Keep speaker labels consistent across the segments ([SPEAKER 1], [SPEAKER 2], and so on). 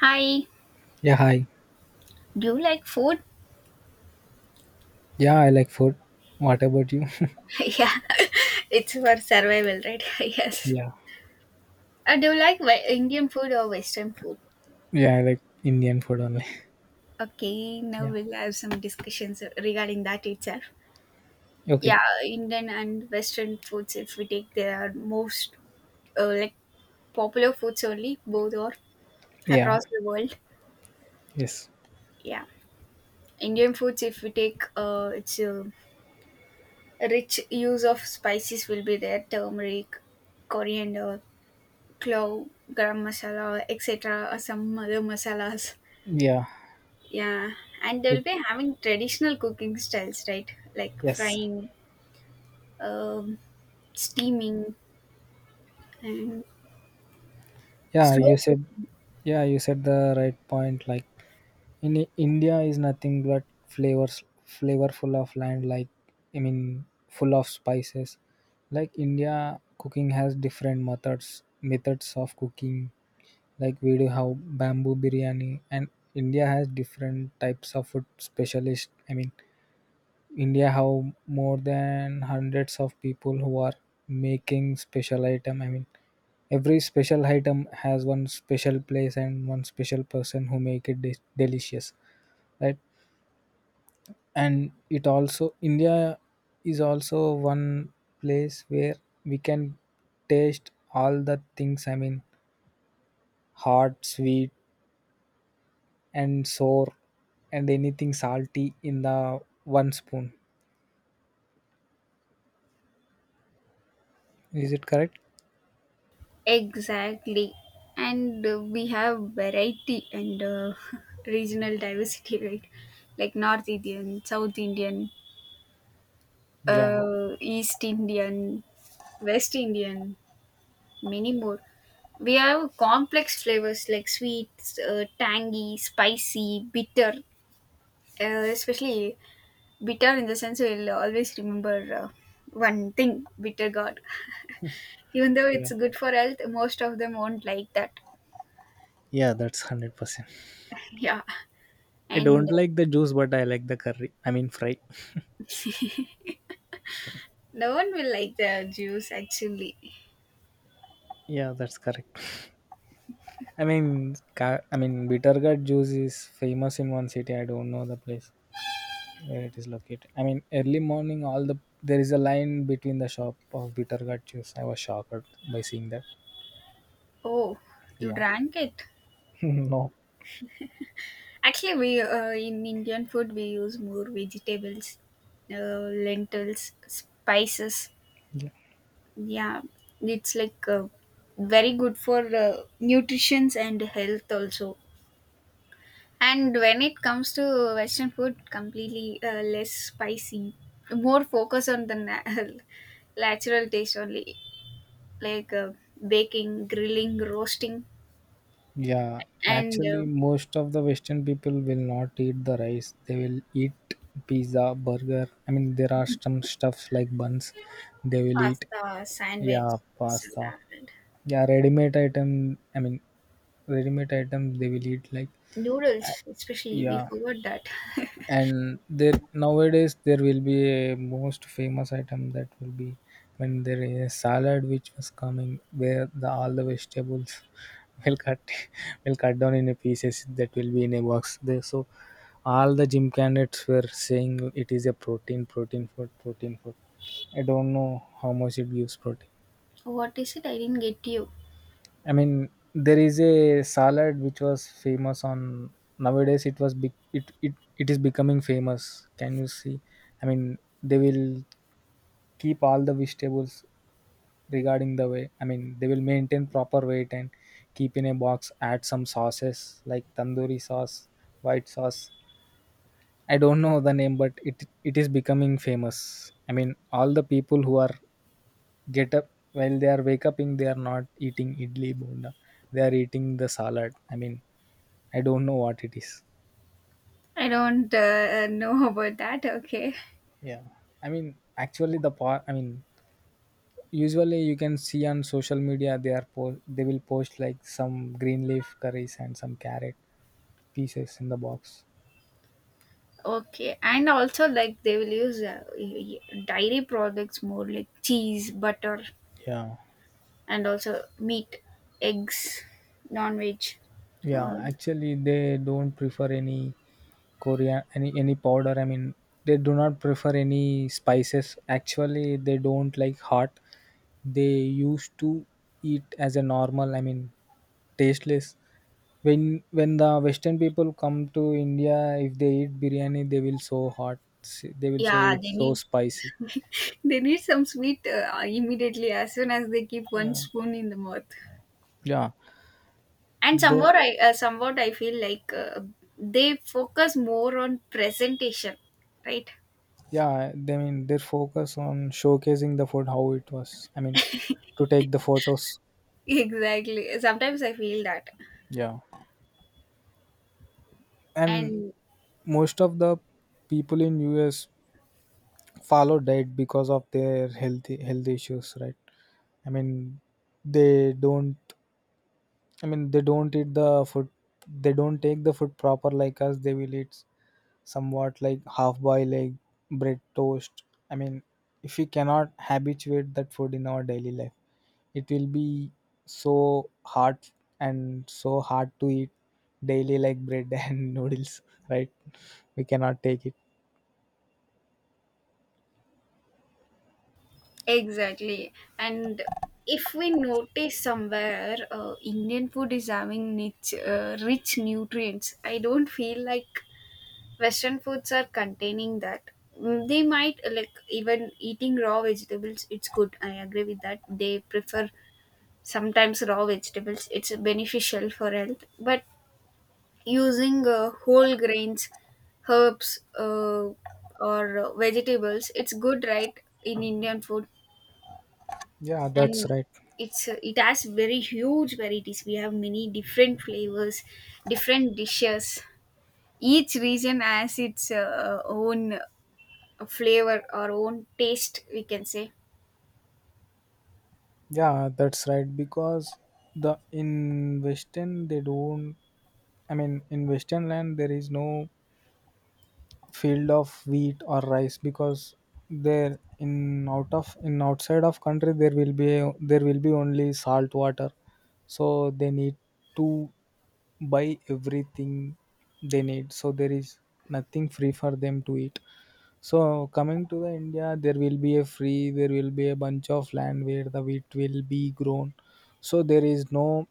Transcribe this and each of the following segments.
[SPEAKER 1] Hi,
[SPEAKER 2] Yeah, hi.
[SPEAKER 1] do you like food?
[SPEAKER 2] Yeah, I like food. What about you?
[SPEAKER 1] Yeah, it's for survival, right? Yes.
[SPEAKER 2] Yeah.
[SPEAKER 1] Do you like Indian food or Western food?
[SPEAKER 2] Yeah, I like Indian food only.
[SPEAKER 1] Okay, now
[SPEAKER 2] Yeah.
[SPEAKER 1] we'll have some discussions regarding that itself. Yeah,
[SPEAKER 2] Okay.
[SPEAKER 1] Indian and Western foods, if we take, they are most uh, like popular foods only, both or
[SPEAKER 2] Yeah.
[SPEAKER 1] across the world.
[SPEAKER 2] Yes.
[SPEAKER 1] Yeah, Indian foods, if we take, it's a rich use of spices will be there, turmeric, coriander, clove, garam masala, etc., or some other masalas.
[SPEAKER 2] Yeah.
[SPEAKER 1] Yeah, and they'll
[SPEAKER 2] Food.
[SPEAKER 1] be having traditional cooking styles, right? Like
[SPEAKER 2] Yes.
[SPEAKER 1] frying, um, steaming, and
[SPEAKER 2] Yeah, you
[SPEAKER 1] slow cook.
[SPEAKER 2] said yeah, you said the right point, like in India is nothing but flavors flavorful of land, like I mean full of spices. Like India cooking has different methods of cooking, like we do have bamboo biryani, and India has different types of food specialist. I mean, India have more than hundreds of people who are making special item. I mean, every special item has one special place and one special person who make it delicious, right? And it also India is also one place where we can taste all the things. I mean hot, sweet, and sour, and anything salty in the one spoon. Is it correct?
[SPEAKER 1] Exactly. And we have variety, and regional diversity, right? Like North Indian, South Indian,
[SPEAKER 2] Yeah,
[SPEAKER 1] East Indian, West Indian, many more. We have complex flavors like sweet, tangy, spicy, bitter. Especially bitter in the sense we'll always remember one thing: bitter gourd. Even though
[SPEAKER 2] yeah,
[SPEAKER 1] it's good for health, most of them won't like that.
[SPEAKER 2] yeah. That's 100%.
[SPEAKER 1] Yeah,
[SPEAKER 2] I
[SPEAKER 1] and
[SPEAKER 2] don't like the juice, but I like the curry. I mean fry.
[SPEAKER 1] no one will like the juice actually.
[SPEAKER 2] Yeah, that's correct. I mean, bitter gourd juice is famous in one city. I don't know the place where it is located. I mean, early morning, all the there is a line between the shop of bitter gourd juice. I was shocked by seeing that.
[SPEAKER 1] Oh, you
[SPEAKER 2] Yeah,
[SPEAKER 1] drank it.
[SPEAKER 2] no.
[SPEAKER 1] Actually, we in Indian food we use more vegetables, lentils, spices, yeah, it's like very good for nutritions and health also. And when it comes to Western food, completely less spicy, more focus on the natural taste only, like baking, grilling, roasting,
[SPEAKER 2] Yeah,
[SPEAKER 1] and
[SPEAKER 2] actually, most of the Western people will not eat the rice. They will eat pizza, burger. I mean, there are some stuffs like buns. They will eat.
[SPEAKER 1] pasta, sandwich,
[SPEAKER 2] Yeah, pasta.
[SPEAKER 1] salad,
[SPEAKER 2] Yeah, ready-made item. I mean, ready-made item. They will eat like.
[SPEAKER 1] noodles especially, we
[SPEAKER 2] Yeah,
[SPEAKER 1] forgot that.
[SPEAKER 2] and there nowadays there will be a most famous item that will be, when there is a salad which was coming where the all the vegetables will cut will cut down in a pieces that will be in a box there, so all the gym candidates were saying it is a protein food. I don't know how much it gives protein.
[SPEAKER 1] What is it? I didn't get you.
[SPEAKER 2] I mean, there is a salad which was famous on nowadays. It was big. It is becoming famous. Can you see? I mean, they will keep all the vegetables regarding the way. I mean, they will maintain proper weight and keep in a box. Add some sauces like tandoori sauce, white sauce. I don't know the name, but it is becoming famous. I mean, all the people who are get up, while they are wake up, they are not eating idli bonda, they are eating the salad. I mean, I don't know what it is.
[SPEAKER 1] I don't know about that. Okay.
[SPEAKER 2] Yeah, I mean, actually, the part, I mean, usually you can see on social media, they will post like some green leaf curries and some carrot pieces in the box.
[SPEAKER 1] Okay, and also like they will use dairy products more, like cheese, butter,
[SPEAKER 2] Yeah.
[SPEAKER 1] and also meat, eggs, non-veg.
[SPEAKER 2] Yeah,
[SPEAKER 1] Uh,
[SPEAKER 2] actually, they don't prefer any Korean, any powder. I mean, they do not prefer any spices. Actually, they don't like hot. They used to eat as a normal. I mean, tasteless. When the Western people come to India, if they eat biryani, they will so hot. They will say
[SPEAKER 1] yeah, they
[SPEAKER 2] it's so
[SPEAKER 1] need
[SPEAKER 2] spicy.
[SPEAKER 1] they need some sweet immediately as soon as they keep one spoon in the mouth.
[SPEAKER 2] Yeah,
[SPEAKER 1] And
[SPEAKER 2] they
[SPEAKER 1] somewhat I feel like they focus more on presentation, right?
[SPEAKER 2] yeah. They mean their focus on showcasing the food how it was. I mean, to take the photos.
[SPEAKER 1] Exactly. Sometimes I feel that,
[SPEAKER 2] Yeah, and
[SPEAKER 1] and
[SPEAKER 2] most of the people in US follow diet because of their health issues, right? I mean, they don't. I mean, they don't eat the food. They don't take the food proper like us. They will eat somewhat like half boiled egg, bread toast. I mean, if we cannot habituate that food in our daily life, it will be so hard and so hard to eat daily, like bread and noodles, right? We cannot take it.
[SPEAKER 1] exactly. And if we notice somewhere Indian food is having niche, rich nutrients. I don't feel like Western foods are containing that. They might like even eating raw vegetables, it's good. I agree with that. They prefer sometimes raw vegetables, it's beneficial for health. But using whole grains, herbs, or vegetables, it's good, right? In Indian food.
[SPEAKER 2] Yeah, that's
[SPEAKER 1] And
[SPEAKER 2] right.
[SPEAKER 1] it's it has very huge varieties. We have many different flavors, different dishes. Each region has its own flavor or own taste, we can say.
[SPEAKER 2] Yeah, that's right. Because the in Western they don't. I mean, in Western land there is no field of wheat or rice, because there in out of in outside of country there will be only salt water, so they need to buy everything they need, so there is nothing free for them to eat. So coming to the India, there will be a bunch of land where the wheat will be grown, so there is no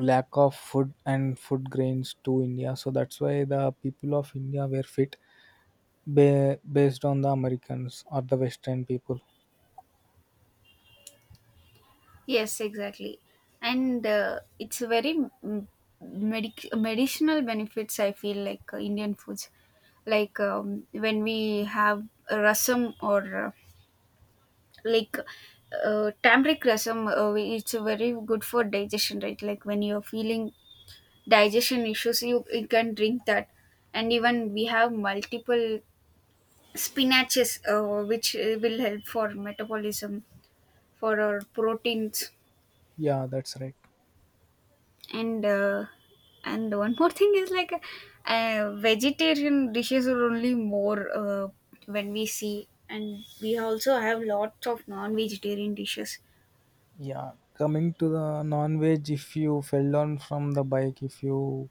[SPEAKER 2] lack of food and food grains to India, so that's why the people of India were fit. Based on the Americans or the Western people.
[SPEAKER 1] Yes, exactly. And it's a very mm, medicinal benefits I feel like Indian foods, like when we have rasam or like turmeric rasam. It's very good for digestion, right? Like when you're feeling digestion issues, you can drink that. And even we have multiple spinaches which will help for metabolism, for our proteins.
[SPEAKER 2] Yeah, that's right.
[SPEAKER 1] And uh, and one more thing is like vegetarian dishes are only more when we see, and we also have lots of non-vegetarian dishes.
[SPEAKER 2] Yeah, coming to the non-veg, if you fell down from the bike, if you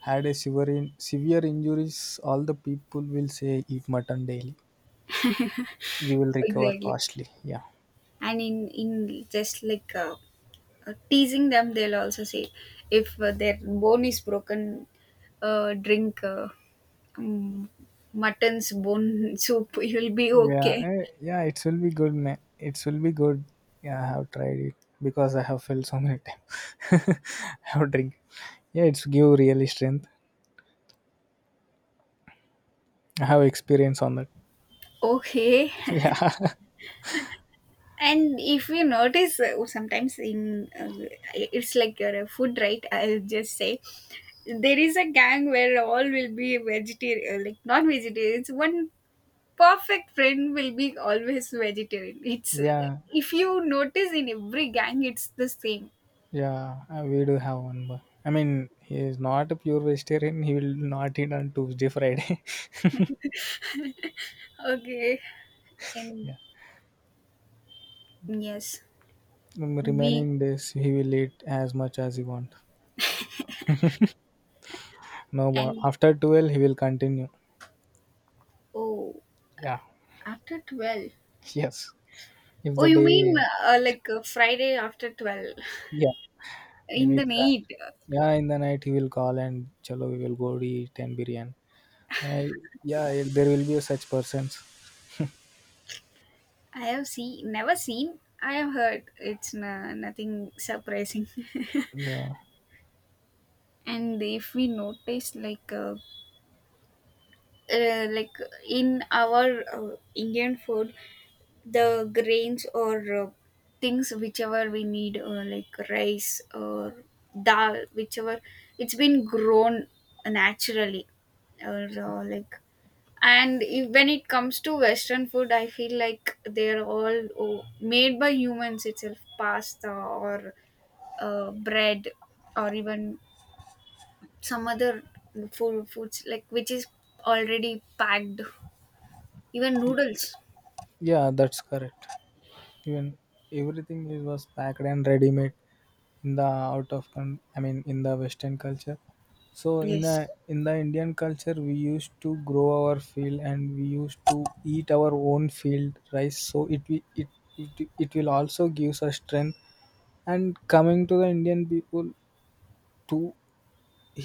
[SPEAKER 2] had a severe injuries, all the people will say eat mutton daily. You will recover
[SPEAKER 1] Exactly.
[SPEAKER 2] fastly. Yeah,
[SPEAKER 1] And in just like teasing them, they'll also say if their bone is broken, drink um, mutton's bone soup, you'll be
[SPEAKER 2] yeah,
[SPEAKER 1] okay.
[SPEAKER 2] yeah. It will be good, man. It will be good. Yeah, I have tried it, because I have fell so many times. I have drink. Yeah, it's give really strength. I have experience on that.
[SPEAKER 1] Okay.
[SPEAKER 2] Yeah,
[SPEAKER 1] And if you notice sometimes in it's like your food, right? I'll just say there is a gang where all will be vegetarian. Like non-vegetarians, one perfect friend will be always vegetarian. It's,
[SPEAKER 2] yeah.
[SPEAKER 1] if you notice in every gang, it's the same.
[SPEAKER 2] Yeah, we do have one. But I mean, he is not a pure vegetarian. He will not eat on Tuesday, Friday.
[SPEAKER 1] Okay, and
[SPEAKER 2] Yeah.
[SPEAKER 1] yes, we
[SPEAKER 2] Remaining days, he will eat as much as he want. No more.
[SPEAKER 1] and
[SPEAKER 2] After 12, he will continue.
[SPEAKER 1] oh,
[SPEAKER 2] Yeah.
[SPEAKER 1] after 12.
[SPEAKER 2] Yes. If
[SPEAKER 1] Oh,
[SPEAKER 2] the
[SPEAKER 1] you mean
[SPEAKER 2] day,
[SPEAKER 1] Friday after 12
[SPEAKER 2] yeah, when
[SPEAKER 1] in the
[SPEAKER 2] it's
[SPEAKER 1] night?
[SPEAKER 2] yeah, in the night he will call and chalo, we will go to eat and biryani. Uh, yeah, there will be such persons.
[SPEAKER 1] I have seen, never seen. I have heard it's nothing surprising.
[SPEAKER 2] Yeah.
[SPEAKER 1] And if we notice like in our Indian food, the grains or things whichever we need, like rice or dal, whichever, it's been grown naturally, or like. And if, when it comes to Western food, I feel like they're all, oh, made by humans itself. Pasta or bread, or even some other foods like which is already packed, even noodles.
[SPEAKER 2] Yeah, that's correct. Even everything is was packed and ready made in the out of con- I mean in the western culture. So
[SPEAKER 1] Yes.
[SPEAKER 2] in the Indian culture we used to grow our field and we used to eat our own field rice, so it will also gives us strength. And coming to the Indian people too,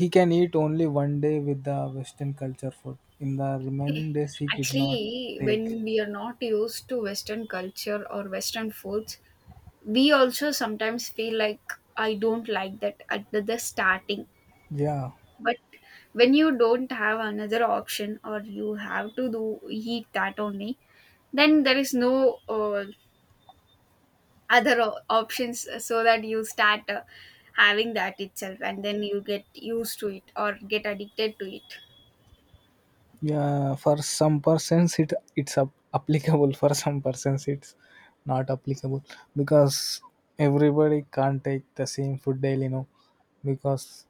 [SPEAKER 2] he can eat only one day with the western culture food in the remaining days, he could not
[SPEAKER 1] Actually,
[SPEAKER 2] take.
[SPEAKER 1] when we are not used to Western culture or Western foods, we also sometimes feel like I don't like that at the starting.
[SPEAKER 2] Yeah.
[SPEAKER 1] But when you don't have another option or you have to do eat that only, then there is no other options, so that you start having that itself, and then you get used to it or get addicted to it.
[SPEAKER 2] Yeah, for some persons it's applicable. For some persons it's not applicable, because everybody can't take the same food daily, no, because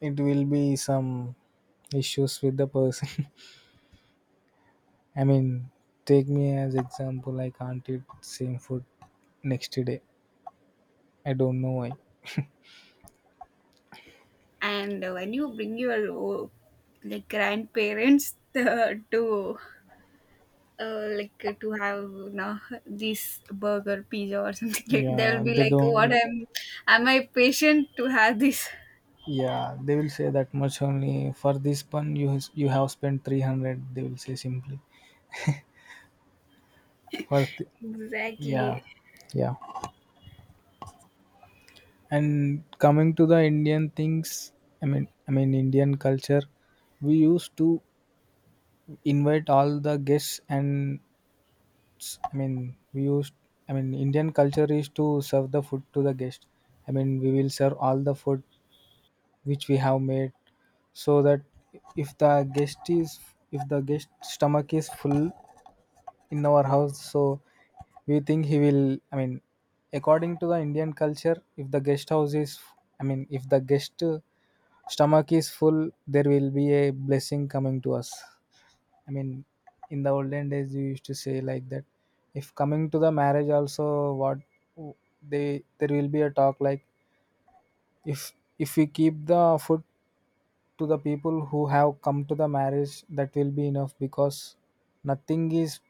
[SPEAKER 2] it will be some issues with the person. I mean, take me as example. I can't eat same food next day. I don't know why.
[SPEAKER 1] And when you bring your like grandparents to have you this burger, pizza or something. Like they'll
[SPEAKER 2] Yeah,
[SPEAKER 1] be
[SPEAKER 2] they
[SPEAKER 1] like, what
[SPEAKER 2] don't.
[SPEAKER 1] am I patient to have this?
[SPEAKER 2] Yeah, they will say that much only for this one. You have spent 300. They will say simply for th- Yeah,
[SPEAKER 1] Exactly.
[SPEAKER 2] yeah. And coming to the Indian things, I mean, Indian culture, we used to invite all the guests, and I mean, we used, I mean, Indian culture is to serve the food to the guest. I mean, we will serve all the food which we have made, so that if the guest is, if the guest stomach is full, in our house, so we think he will, I mean, according to the Indian culture, if the guest house is I mean if the guest stomach is full, there will be a blessing coming to us. I mean, in the olden days we used to say like that, if coming to the marriage also, what they there will be a talk like, if if we keep the food to the people who have come to the marriage, that will be enough, because nothing is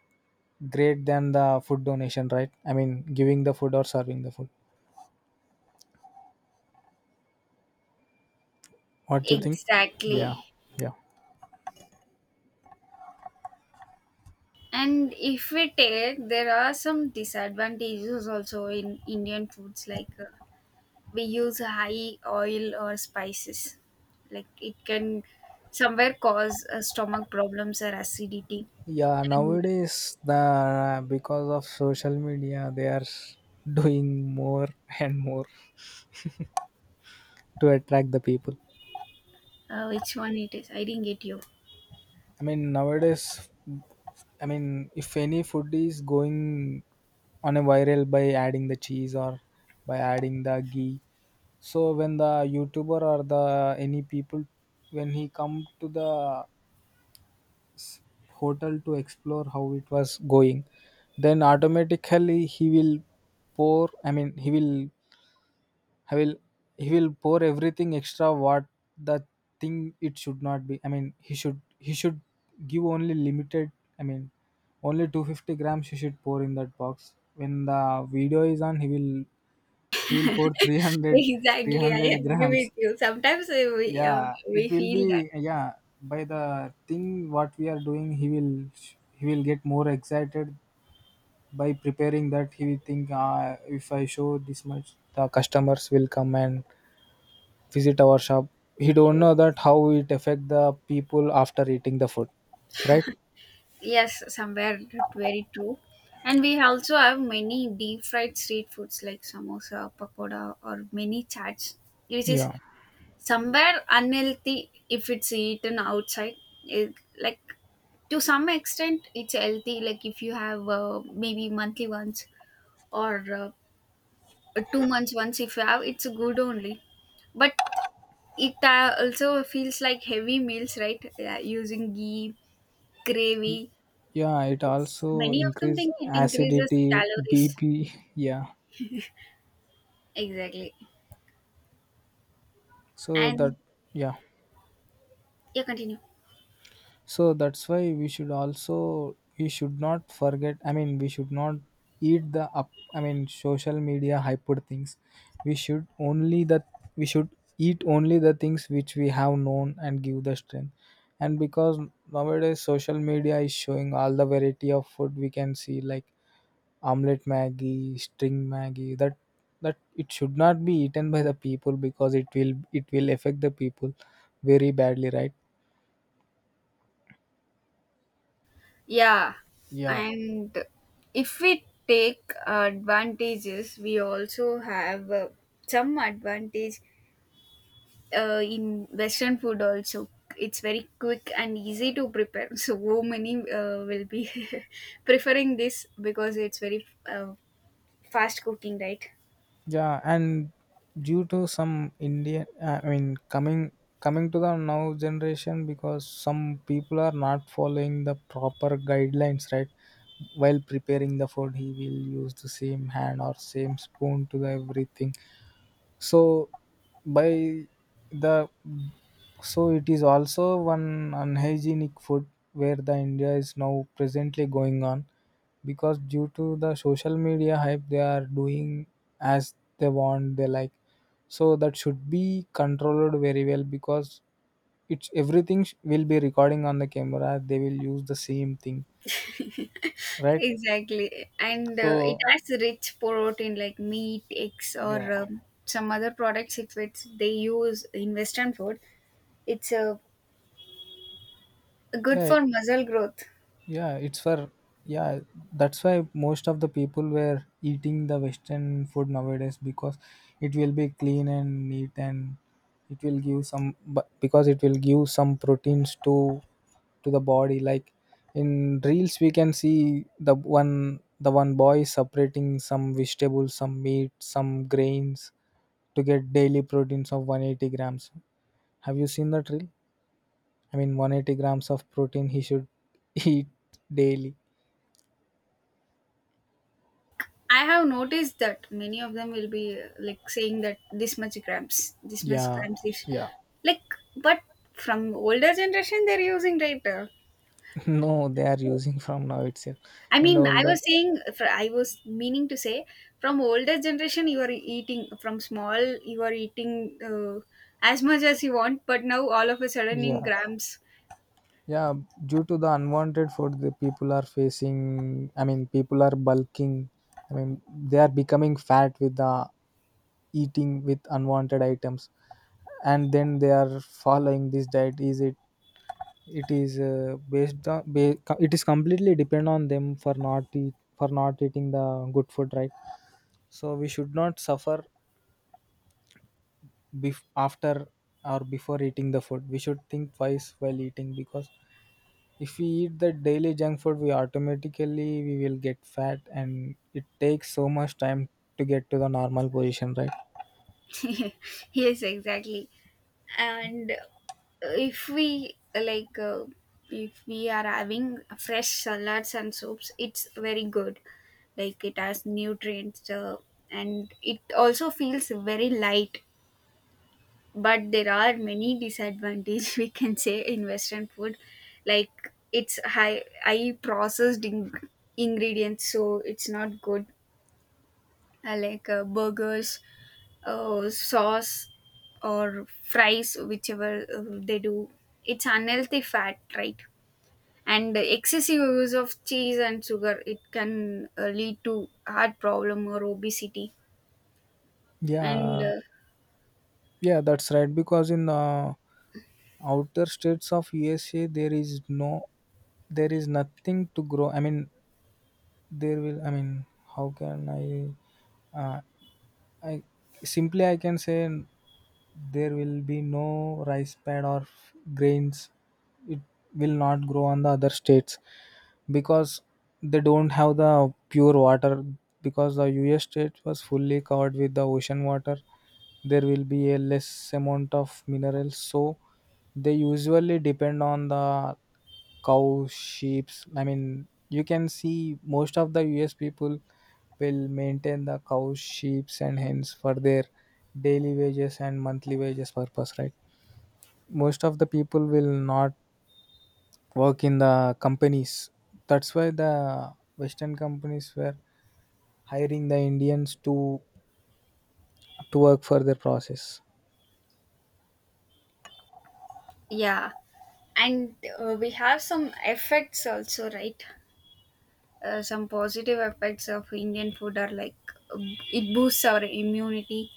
[SPEAKER 2] great than the food donation, right? I mean, giving the food or serving the food, what do you think? Yeah,
[SPEAKER 1] Exactly.
[SPEAKER 2] yeah,
[SPEAKER 1] And if we take, there are some disadvantages also in Indian foods, like we use high oil or spices, like it can somewhere cause stomach problems or acidity.
[SPEAKER 2] yeah.
[SPEAKER 1] And
[SPEAKER 2] Nowadays, the because of social media they are doing more and more to attract the people.
[SPEAKER 1] which one it is, I didn't get you.
[SPEAKER 2] I mean, nowadays, I mean, if any food is going on a viral by adding the cheese or by adding the ghee, so when the YouTuber or the any people, when he come to the hotel to explore how it was going, then automatically he will pour. I mean, I will he will pour everything extra what the thing it should not be. I mean, he should give only limited. I mean, only 250 grams he should pour in that box. When the video is on, he will pour three hundred three
[SPEAKER 1] Exactly, I
[SPEAKER 2] hundred
[SPEAKER 1] agree
[SPEAKER 2] grams.
[SPEAKER 1] with you. Sometimes
[SPEAKER 2] Yeah, it
[SPEAKER 1] we
[SPEAKER 2] will
[SPEAKER 1] feel that.
[SPEAKER 2] be. Yeah, by the thing what we are doing, he will get more excited by preparing that. He will think, if I show this much, the customers will come and visit our shop. He don't know
[SPEAKER 1] Yes,
[SPEAKER 2] that how it affect the people after eating the food, right?
[SPEAKER 1] yes, somewhere that very true. And we also have many deep fried street foods, like samosa, pakoda, or many chaats which is
[SPEAKER 2] Yeah,
[SPEAKER 1] somewhere unhealthy if it's eaten outside. It, like, to some extent it's healthy, like if you have maybe monthly once or 2 months once, if you have, it's good only. But it also feels like heavy meals, right? Yeah, using ghee, gravy,
[SPEAKER 2] yeah, it also
[SPEAKER 1] many of them
[SPEAKER 2] increase
[SPEAKER 1] think it increases
[SPEAKER 2] acidity
[SPEAKER 1] calories.
[SPEAKER 2] bp. Yeah,
[SPEAKER 1] Exactly.
[SPEAKER 2] so
[SPEAKER 1] And
[SPEAKER 2] that. Yeah.
[SPEAKER 1] yeah, continue.
[SPEAKER 2] So that's why we should not forget. I mean, we should not eat the up. I mean, social media hyper things. We should only that we should eat only the things which we have known and give the strength. And because nowadays social media is showing all the variety of food we can see, like omelette maggie, string maggie. That it should not be eaten by the people, because it will affect the people very badly, right?
[SPEAKER 1] Yeah,
[SPEAKER 2] Yeah.
[SPEAKER 1] and if we take advantages, we also have some advantage in Western food also. It's very quick and easy to prepare. So many will be preferring this, because it's very fast cooking, right?
[SPEAKER 2] Yeah, and due to some Indian, I mean, coming to the now generation, because some people are not following the proper guidelines, right? While preparing the food, he will use the same hand or same spoon to the everything. So by the so it is also one unhygienic food where the India is now presently going on because due to the social media hype they are doing as they want they like, so that should be controlled very well because it's everything will be recording on the camera. They will use the same thing, right.
[SPEAKER 1] Exactly. And it
[SPEAKER 2] So
[SPEAKER 1] has rich protein like meat, eggs, or
[SPEAKER 2] yeah,
[SPEAKER 1] some other products, if it's they use in Western food. It's good
[SPEAKER 2] yeah.
[SPEAKER 1] for muscle growth.
[SPEAKER 2] Yeah, it's for yeah, that's why most of the people were eating the Western food nowadays because it will be clean and neat and it will give some, but because it will give some proteins to the body. Like in reels we can see the one boy separating some vegetables, some meat, some grains to get daily proteins of 180 grams. Have you seen that reel? I mean 180 grams of protein he should eat daily.
[SPEAKER 1] I have noticed that many of them will be like saying that this much grams, this much
[SPEAKER 2] Yeah,
[SPEAKER 1] grams is,
[SPEAKER 2] yeah.
[SPEAKER 1] like, but from older generation they're using right now.
[SPEAKER 2] No, they are using from now itself.
[SPEAKER 1] I
[SPEAKER 2] In the
[SPEAKER 1] mean, I
[SPEAKER 2] older,
[SPEAKER 1] was saying, I was meaning to say, from older generation, you are eating from small, you are eating as much as you want, but now all of a sudden
[SPEAKER 2] yeah,
[SPEAKER 1] in grams.
[SPEAKER 2] yeah. Due to the unwanted food the people are facing, I mean people are bulking, I mean they are becoming fat with the eating with unwanted items, and then they are following this diet, is it? It is based on it is completely depend on them for not eat, for not eating the good food, right. So we should not suffer after or before eating the food. We should think twice while eating because if we eat the daily junk food we automatically we will get fat and it takes so much time to get to the normal position, right.
[SPEAKER 1] Yes, exactly. And if we like, if we are having fresh salads and soups, it's very good. Like it has nutrients, and it also feels very light. But there are many disadvantages we can say in Western food, like it's high processed ingredients, so it's not good. Like burgers, sauce, or fries whichever they do, it's unhealthy fat, right? And the excessive use of cheese and sugar, it can lead to heart problem or obesity. And
[SPEAKER 2] yeah yeah that's right because in the outer states of usa there is no there is nothing to grow I mean there will I mean how can uh, I simply I can say there will be no rice pad or grains. It will not grow on the other states because they don't have the pure water. Because the U.S. state was fully covered with the ocean water, there will be a less amount of minerals. So they usually depend on the cows, sheep. I mean, you can see most of the US people will maintain the cows, sheep, and hens for their daily wages and monthly wages purpose, right? Most of the people will not work in the companies. That's why the Western companies were hiring the Indians to work for their process.
[SPEAKER 1] yeah. And we have some effects also, right? Some positive effects of Indian food are like uh, it boosts our immunity,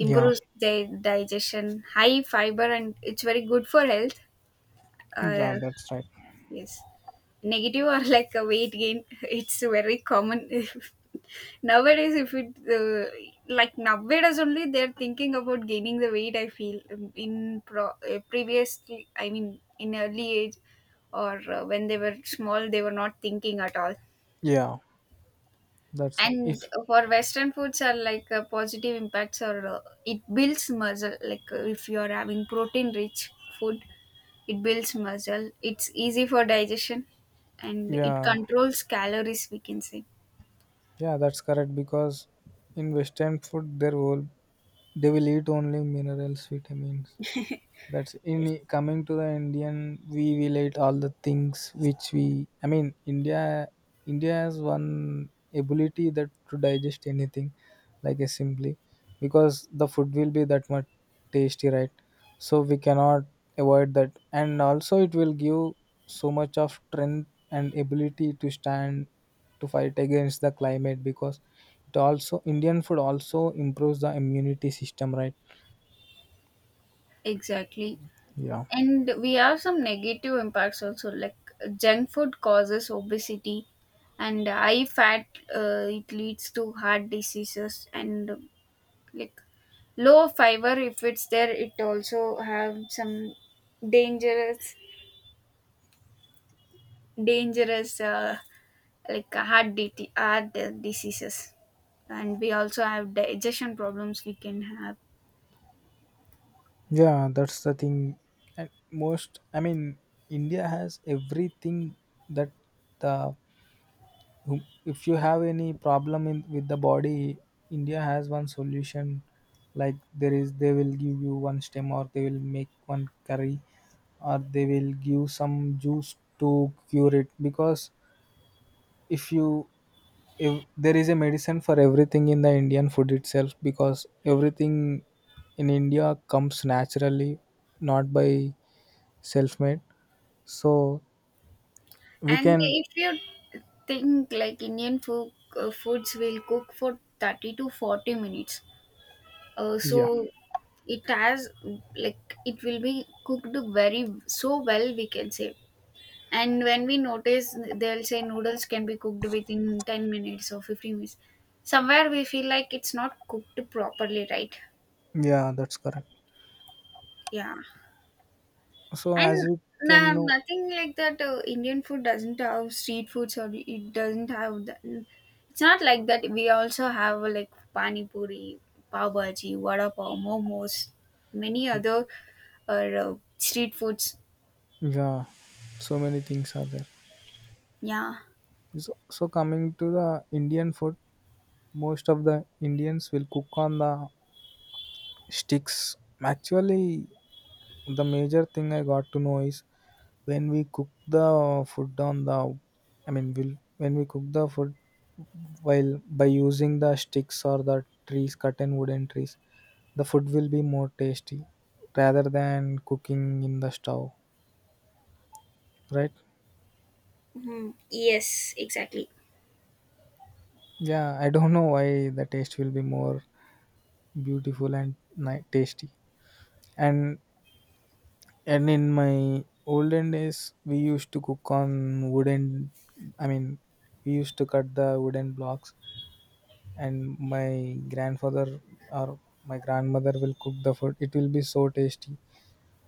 [SPEAKER 2] Yeah,
[SPEAKER 1] the digestion, high fiber, and it's very good for health. Uh,
[SPEAKER 2] yeah, that's right.
[SPEAKER 1] yes, negative are like a weight gain. It's very common nowadays. If it like nowadays only they're thinking about gaining the weight. I feel, in pro previously, I mean in early age, or when they were small, they were not thinking at all.
[SPEAKER 2] Yeah, that's if,
[SPEAKER 1] And for Western foods are like positive impacts, or it builds muscle. Like if you are having protein rich food, it builds muscle. It's easy for digestion, and it
[SPEAKER 2] yeah.
[SPEAKER 1] controls calories, we can say.
[SPEAKER 2] Yeah, that's correct because in Western food there will, they will eat only minerals, vitamins, that's in.
[SPEAKER 1] Yes.
[SPEAKER 2] Coming to the indian we relate all the things which we, I mean india, india has one ability that to digest anything like a, simply because the food will be that much tasty, right. So we cannot avoid that, and also it will give so much of strength and ability to stand to fight against the climate because it also, indian food also improves the immunity system, right.
[SPEAKER 1] Exactly.
[SPEAKER 2] Yeah.
[SPEAKER 1] And we have some negative impacts also, like junk food causes obesity and high fat. It leads to heart diseases, and like low fiber if it's there, it also have some dangerous dangerous like heart, DT, heart diseases. And we also have digestion problems, we can have.
[SPEAKER 2] Yeah, that's the thing. And most, I mean, India has everything that the if you have any problem in with the body, India has one solution. Like there is, they will give you one stem, or they will make one curry, or they will give some juice to cure it. Because if you, if there is a medicine for everything in the Indian food itself, because everything in India comes naturally, not by self-made, so we
[SPEAKER 1] And
[SPEAKER 2] can.
[SPEAKER 1] if you think like Indian food foods will cook for 30 to 40 minutes, so
[SPEAKER 2] Yeah,
[SPEAKER 1] it has, like, it will be cooked very so well, we can say. And when we notice, they'll say noodles can be cooked within 10 minutes or 15 minutes. Somewhere we feel like it's not cooked properly, right?
[SPEAKER 2] yeah, that's correct.
[SPEAKER 1] Yeah.
[SPEAKER 2] So as
[SPEAKER 1] And
[SPEAKER 2] you can know.
[SPEAKER 1] nothing like that. Indian food doesn't have street foods, or it doesn't have that. It's not like that. We also have like pani puri, pav bhaji, vada pav, momos, many other street foods.
[SPEAKER 2] Yeah, so many things are there.
[SPEAKER 1] Yeah.
[SPEAKER 2] So coming to the indian food, most of the indians will cook on the sticks. Actually the major thing I got to know is when we cook the food on the, I mean will when we cook the food while by using the sticks or the trees cut and wooden trees, the food will be more tasty rather than cooking in the stove, right?
[SPEAKER 1] Mhm. Yes, exactly.
[SPEAKER 2] Yeah, I don't know why the taste will be more beautiful and tasty. And and in my olden days, we used to cook on wooden. I mean, we used to cut the wooden blocks, and my grandfather or my grandmother will cook the food. It will be so tasty.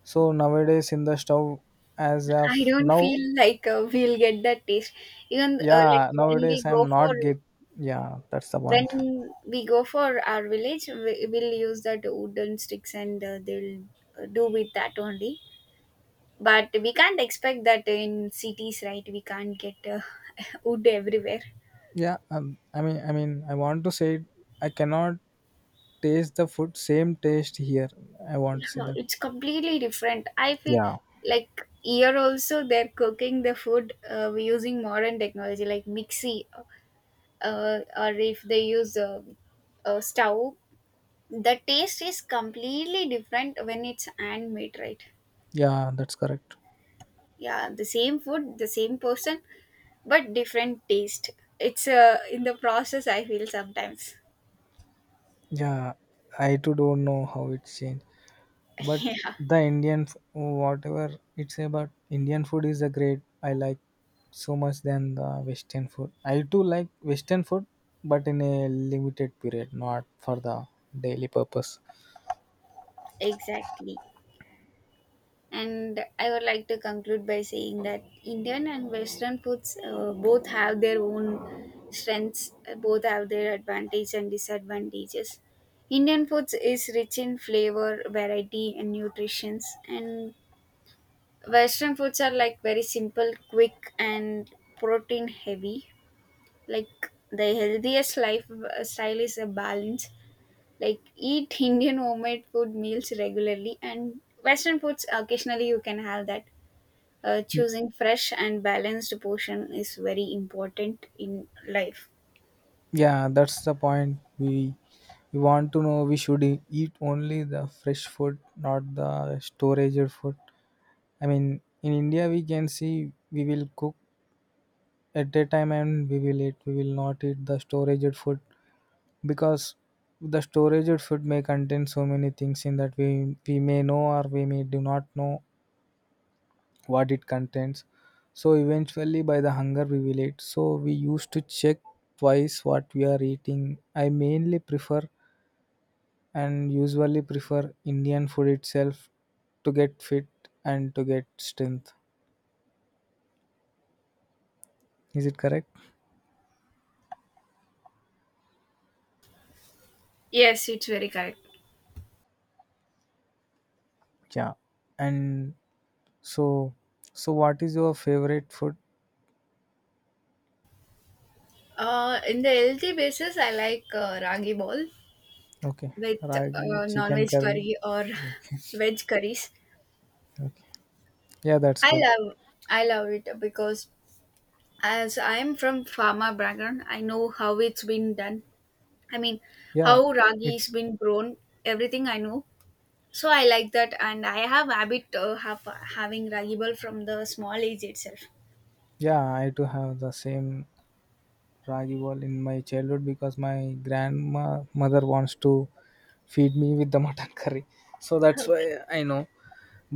[SPEAKER 2] So nowadays in the stove, as
[SPEAKER 1] I
[SPEAKER 2] of
[SPEAKER 1] don't
[SPEAKER 2] now,
[SPEAKER 1] feel like we'll get that taste. Even like
[SPEAKER 2] yeah,
[SPEAKER 1] when we
[SPEAKER 2] nowadays
[SPEAKER 1] go
[SPEAKER 2] I'm
[SPEAKER 1] for,
[SPEAKER 2] not get. Yeah, that's the point.
[SPEAKER 1] when we go for our village, will use that wooden sticks, and they'll do with that only. But we can't expect that in cities, right? We can't get wood everywhere.
[SPEAKER 2] Yeah, I mean I want to say I cannot taste the food same taste here, I want to say
[SPEAKER 1] Yeah,
[SPEAKER 2] that.
[SPEAKER 1] it's completely different. I feel
[SPEAKER 2] Yeah.
[SPEAKER 1] like here also they're cooking the food using modern technology like mixie, or if they use a stove, the taste is completely different when it's handmade, right?
[SPEAKER 2] Yeah, that's correct.
[SPEAKER 1] Yeah, the same food, the same person, but different taste. It's in the process I feel sometimes.
[SPEAKER 2] Yeah, I too don't know how it's changed, but
[SPEAKER 1] Yeah,
[SPEAKER 2] the whatever, it's about indian food is a great, I like so much than the western food. I too like western food but in a limited period, not for the daily purpose.
[SPEAKER 1] exactly. And I would like to conclude by saying that Indian and Western foods both have their own strengths. Both have their advantages and disadvantages. Indian foods is rich in flavor, variety and nutritions, and Western foods are like very simple, quick, and protein heavy. Like the healthiest lifestyle is a balance. Like eat Indian homemade food meals regularly, and Western foods occasionally you can have that. Choosing fresh and balanced portion is very important in life.
[SPEAKER 2] Yeah, that's the point. We want to know we should eat only the fresh food, not the storage food. I mean, in India we can see we will cook at a time and we will eat. We will not eat the storage food because the storage food may contain so many things in that we may know or we may do not know what it contains. So eventually, by the hunger we will eat. So we used to check twice what we are eating. I mainly prefer and usually prefer Indian food itself to get fit and to get strength. Is it correct?
[SPEAKER 1] Yes, it's very correct.
[SPEAKER 2] Yeah. And so, so what is your favorite food?
[SPEAKER 1] In the healthy basis, I like ragi ball.
[SPEAKER 2] Okay,
[SPEAKER 1] With
[SPEAKER 2] ragi,
[SPEAKER 1] uh,
[SPEAKER 2] chicken
[SPEAKER 1] non-veg
[SPEAKER 2] curry.
[SPEAKER 1] curry or
[SPEAKER 2] Okay,
[SPEAKER 1] veg curries,
[SPEAKER 2] okay. Yeah, that's
[SPEAKER 1] I
[SPEAKER 2] good.
[SPEAKER 1] love I love it because as I'm from pharma background, I know how it's been done. I mean,
[SPEAKER 2] Yeah,
[SPEAKER 1] how ragi is
[SPEAKER 2] it's
[SPEAKER 1] been grown, everything I know. So I like that, and I have habit having ragi ball from the small age itself.
[SPEAKER 2] yeah. I do have the same ragi bowl in my childhood because my grandma mother wants to feed me with the mutton curry, so that's why
[SPEAKER 1] Okay.
[SPEAKER 2] I know.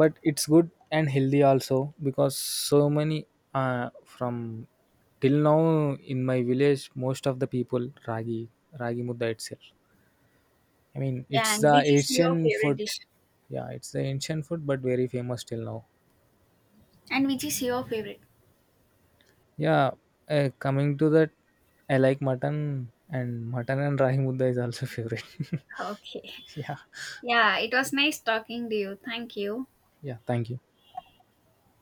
[SPEAKER 2] But it's good and healthy also because so many, from till now in my village most of the people ragi mudda itself. I mean
[SPEAKER 1] Yeah,
[SPEAKER 2] it's
[SPEAKER 1] and
[SPEAKER 2] the
[SPEAKER 1] which is your
[SPEAKER 2] ancient
[SPEAKER 1] favorite
[SPEAKER 2] food.
[SPEAKER 1] dish?
[SPEAKER 2] Yeah, it's the ancient food but very famous till now.
[SPEAKER 1] And which is your favorite?
[SPEAKER 2] Yeah, coming to that, I like mutton, and rahi mudda is also favorite.
[SPEAKER 1] Okay.
[SPEAKER 2] Yeah,
[SPEAKER 1] Yeah, it was nice talking to you. Thank you.
[SPEAKER 2] yeah, thank you.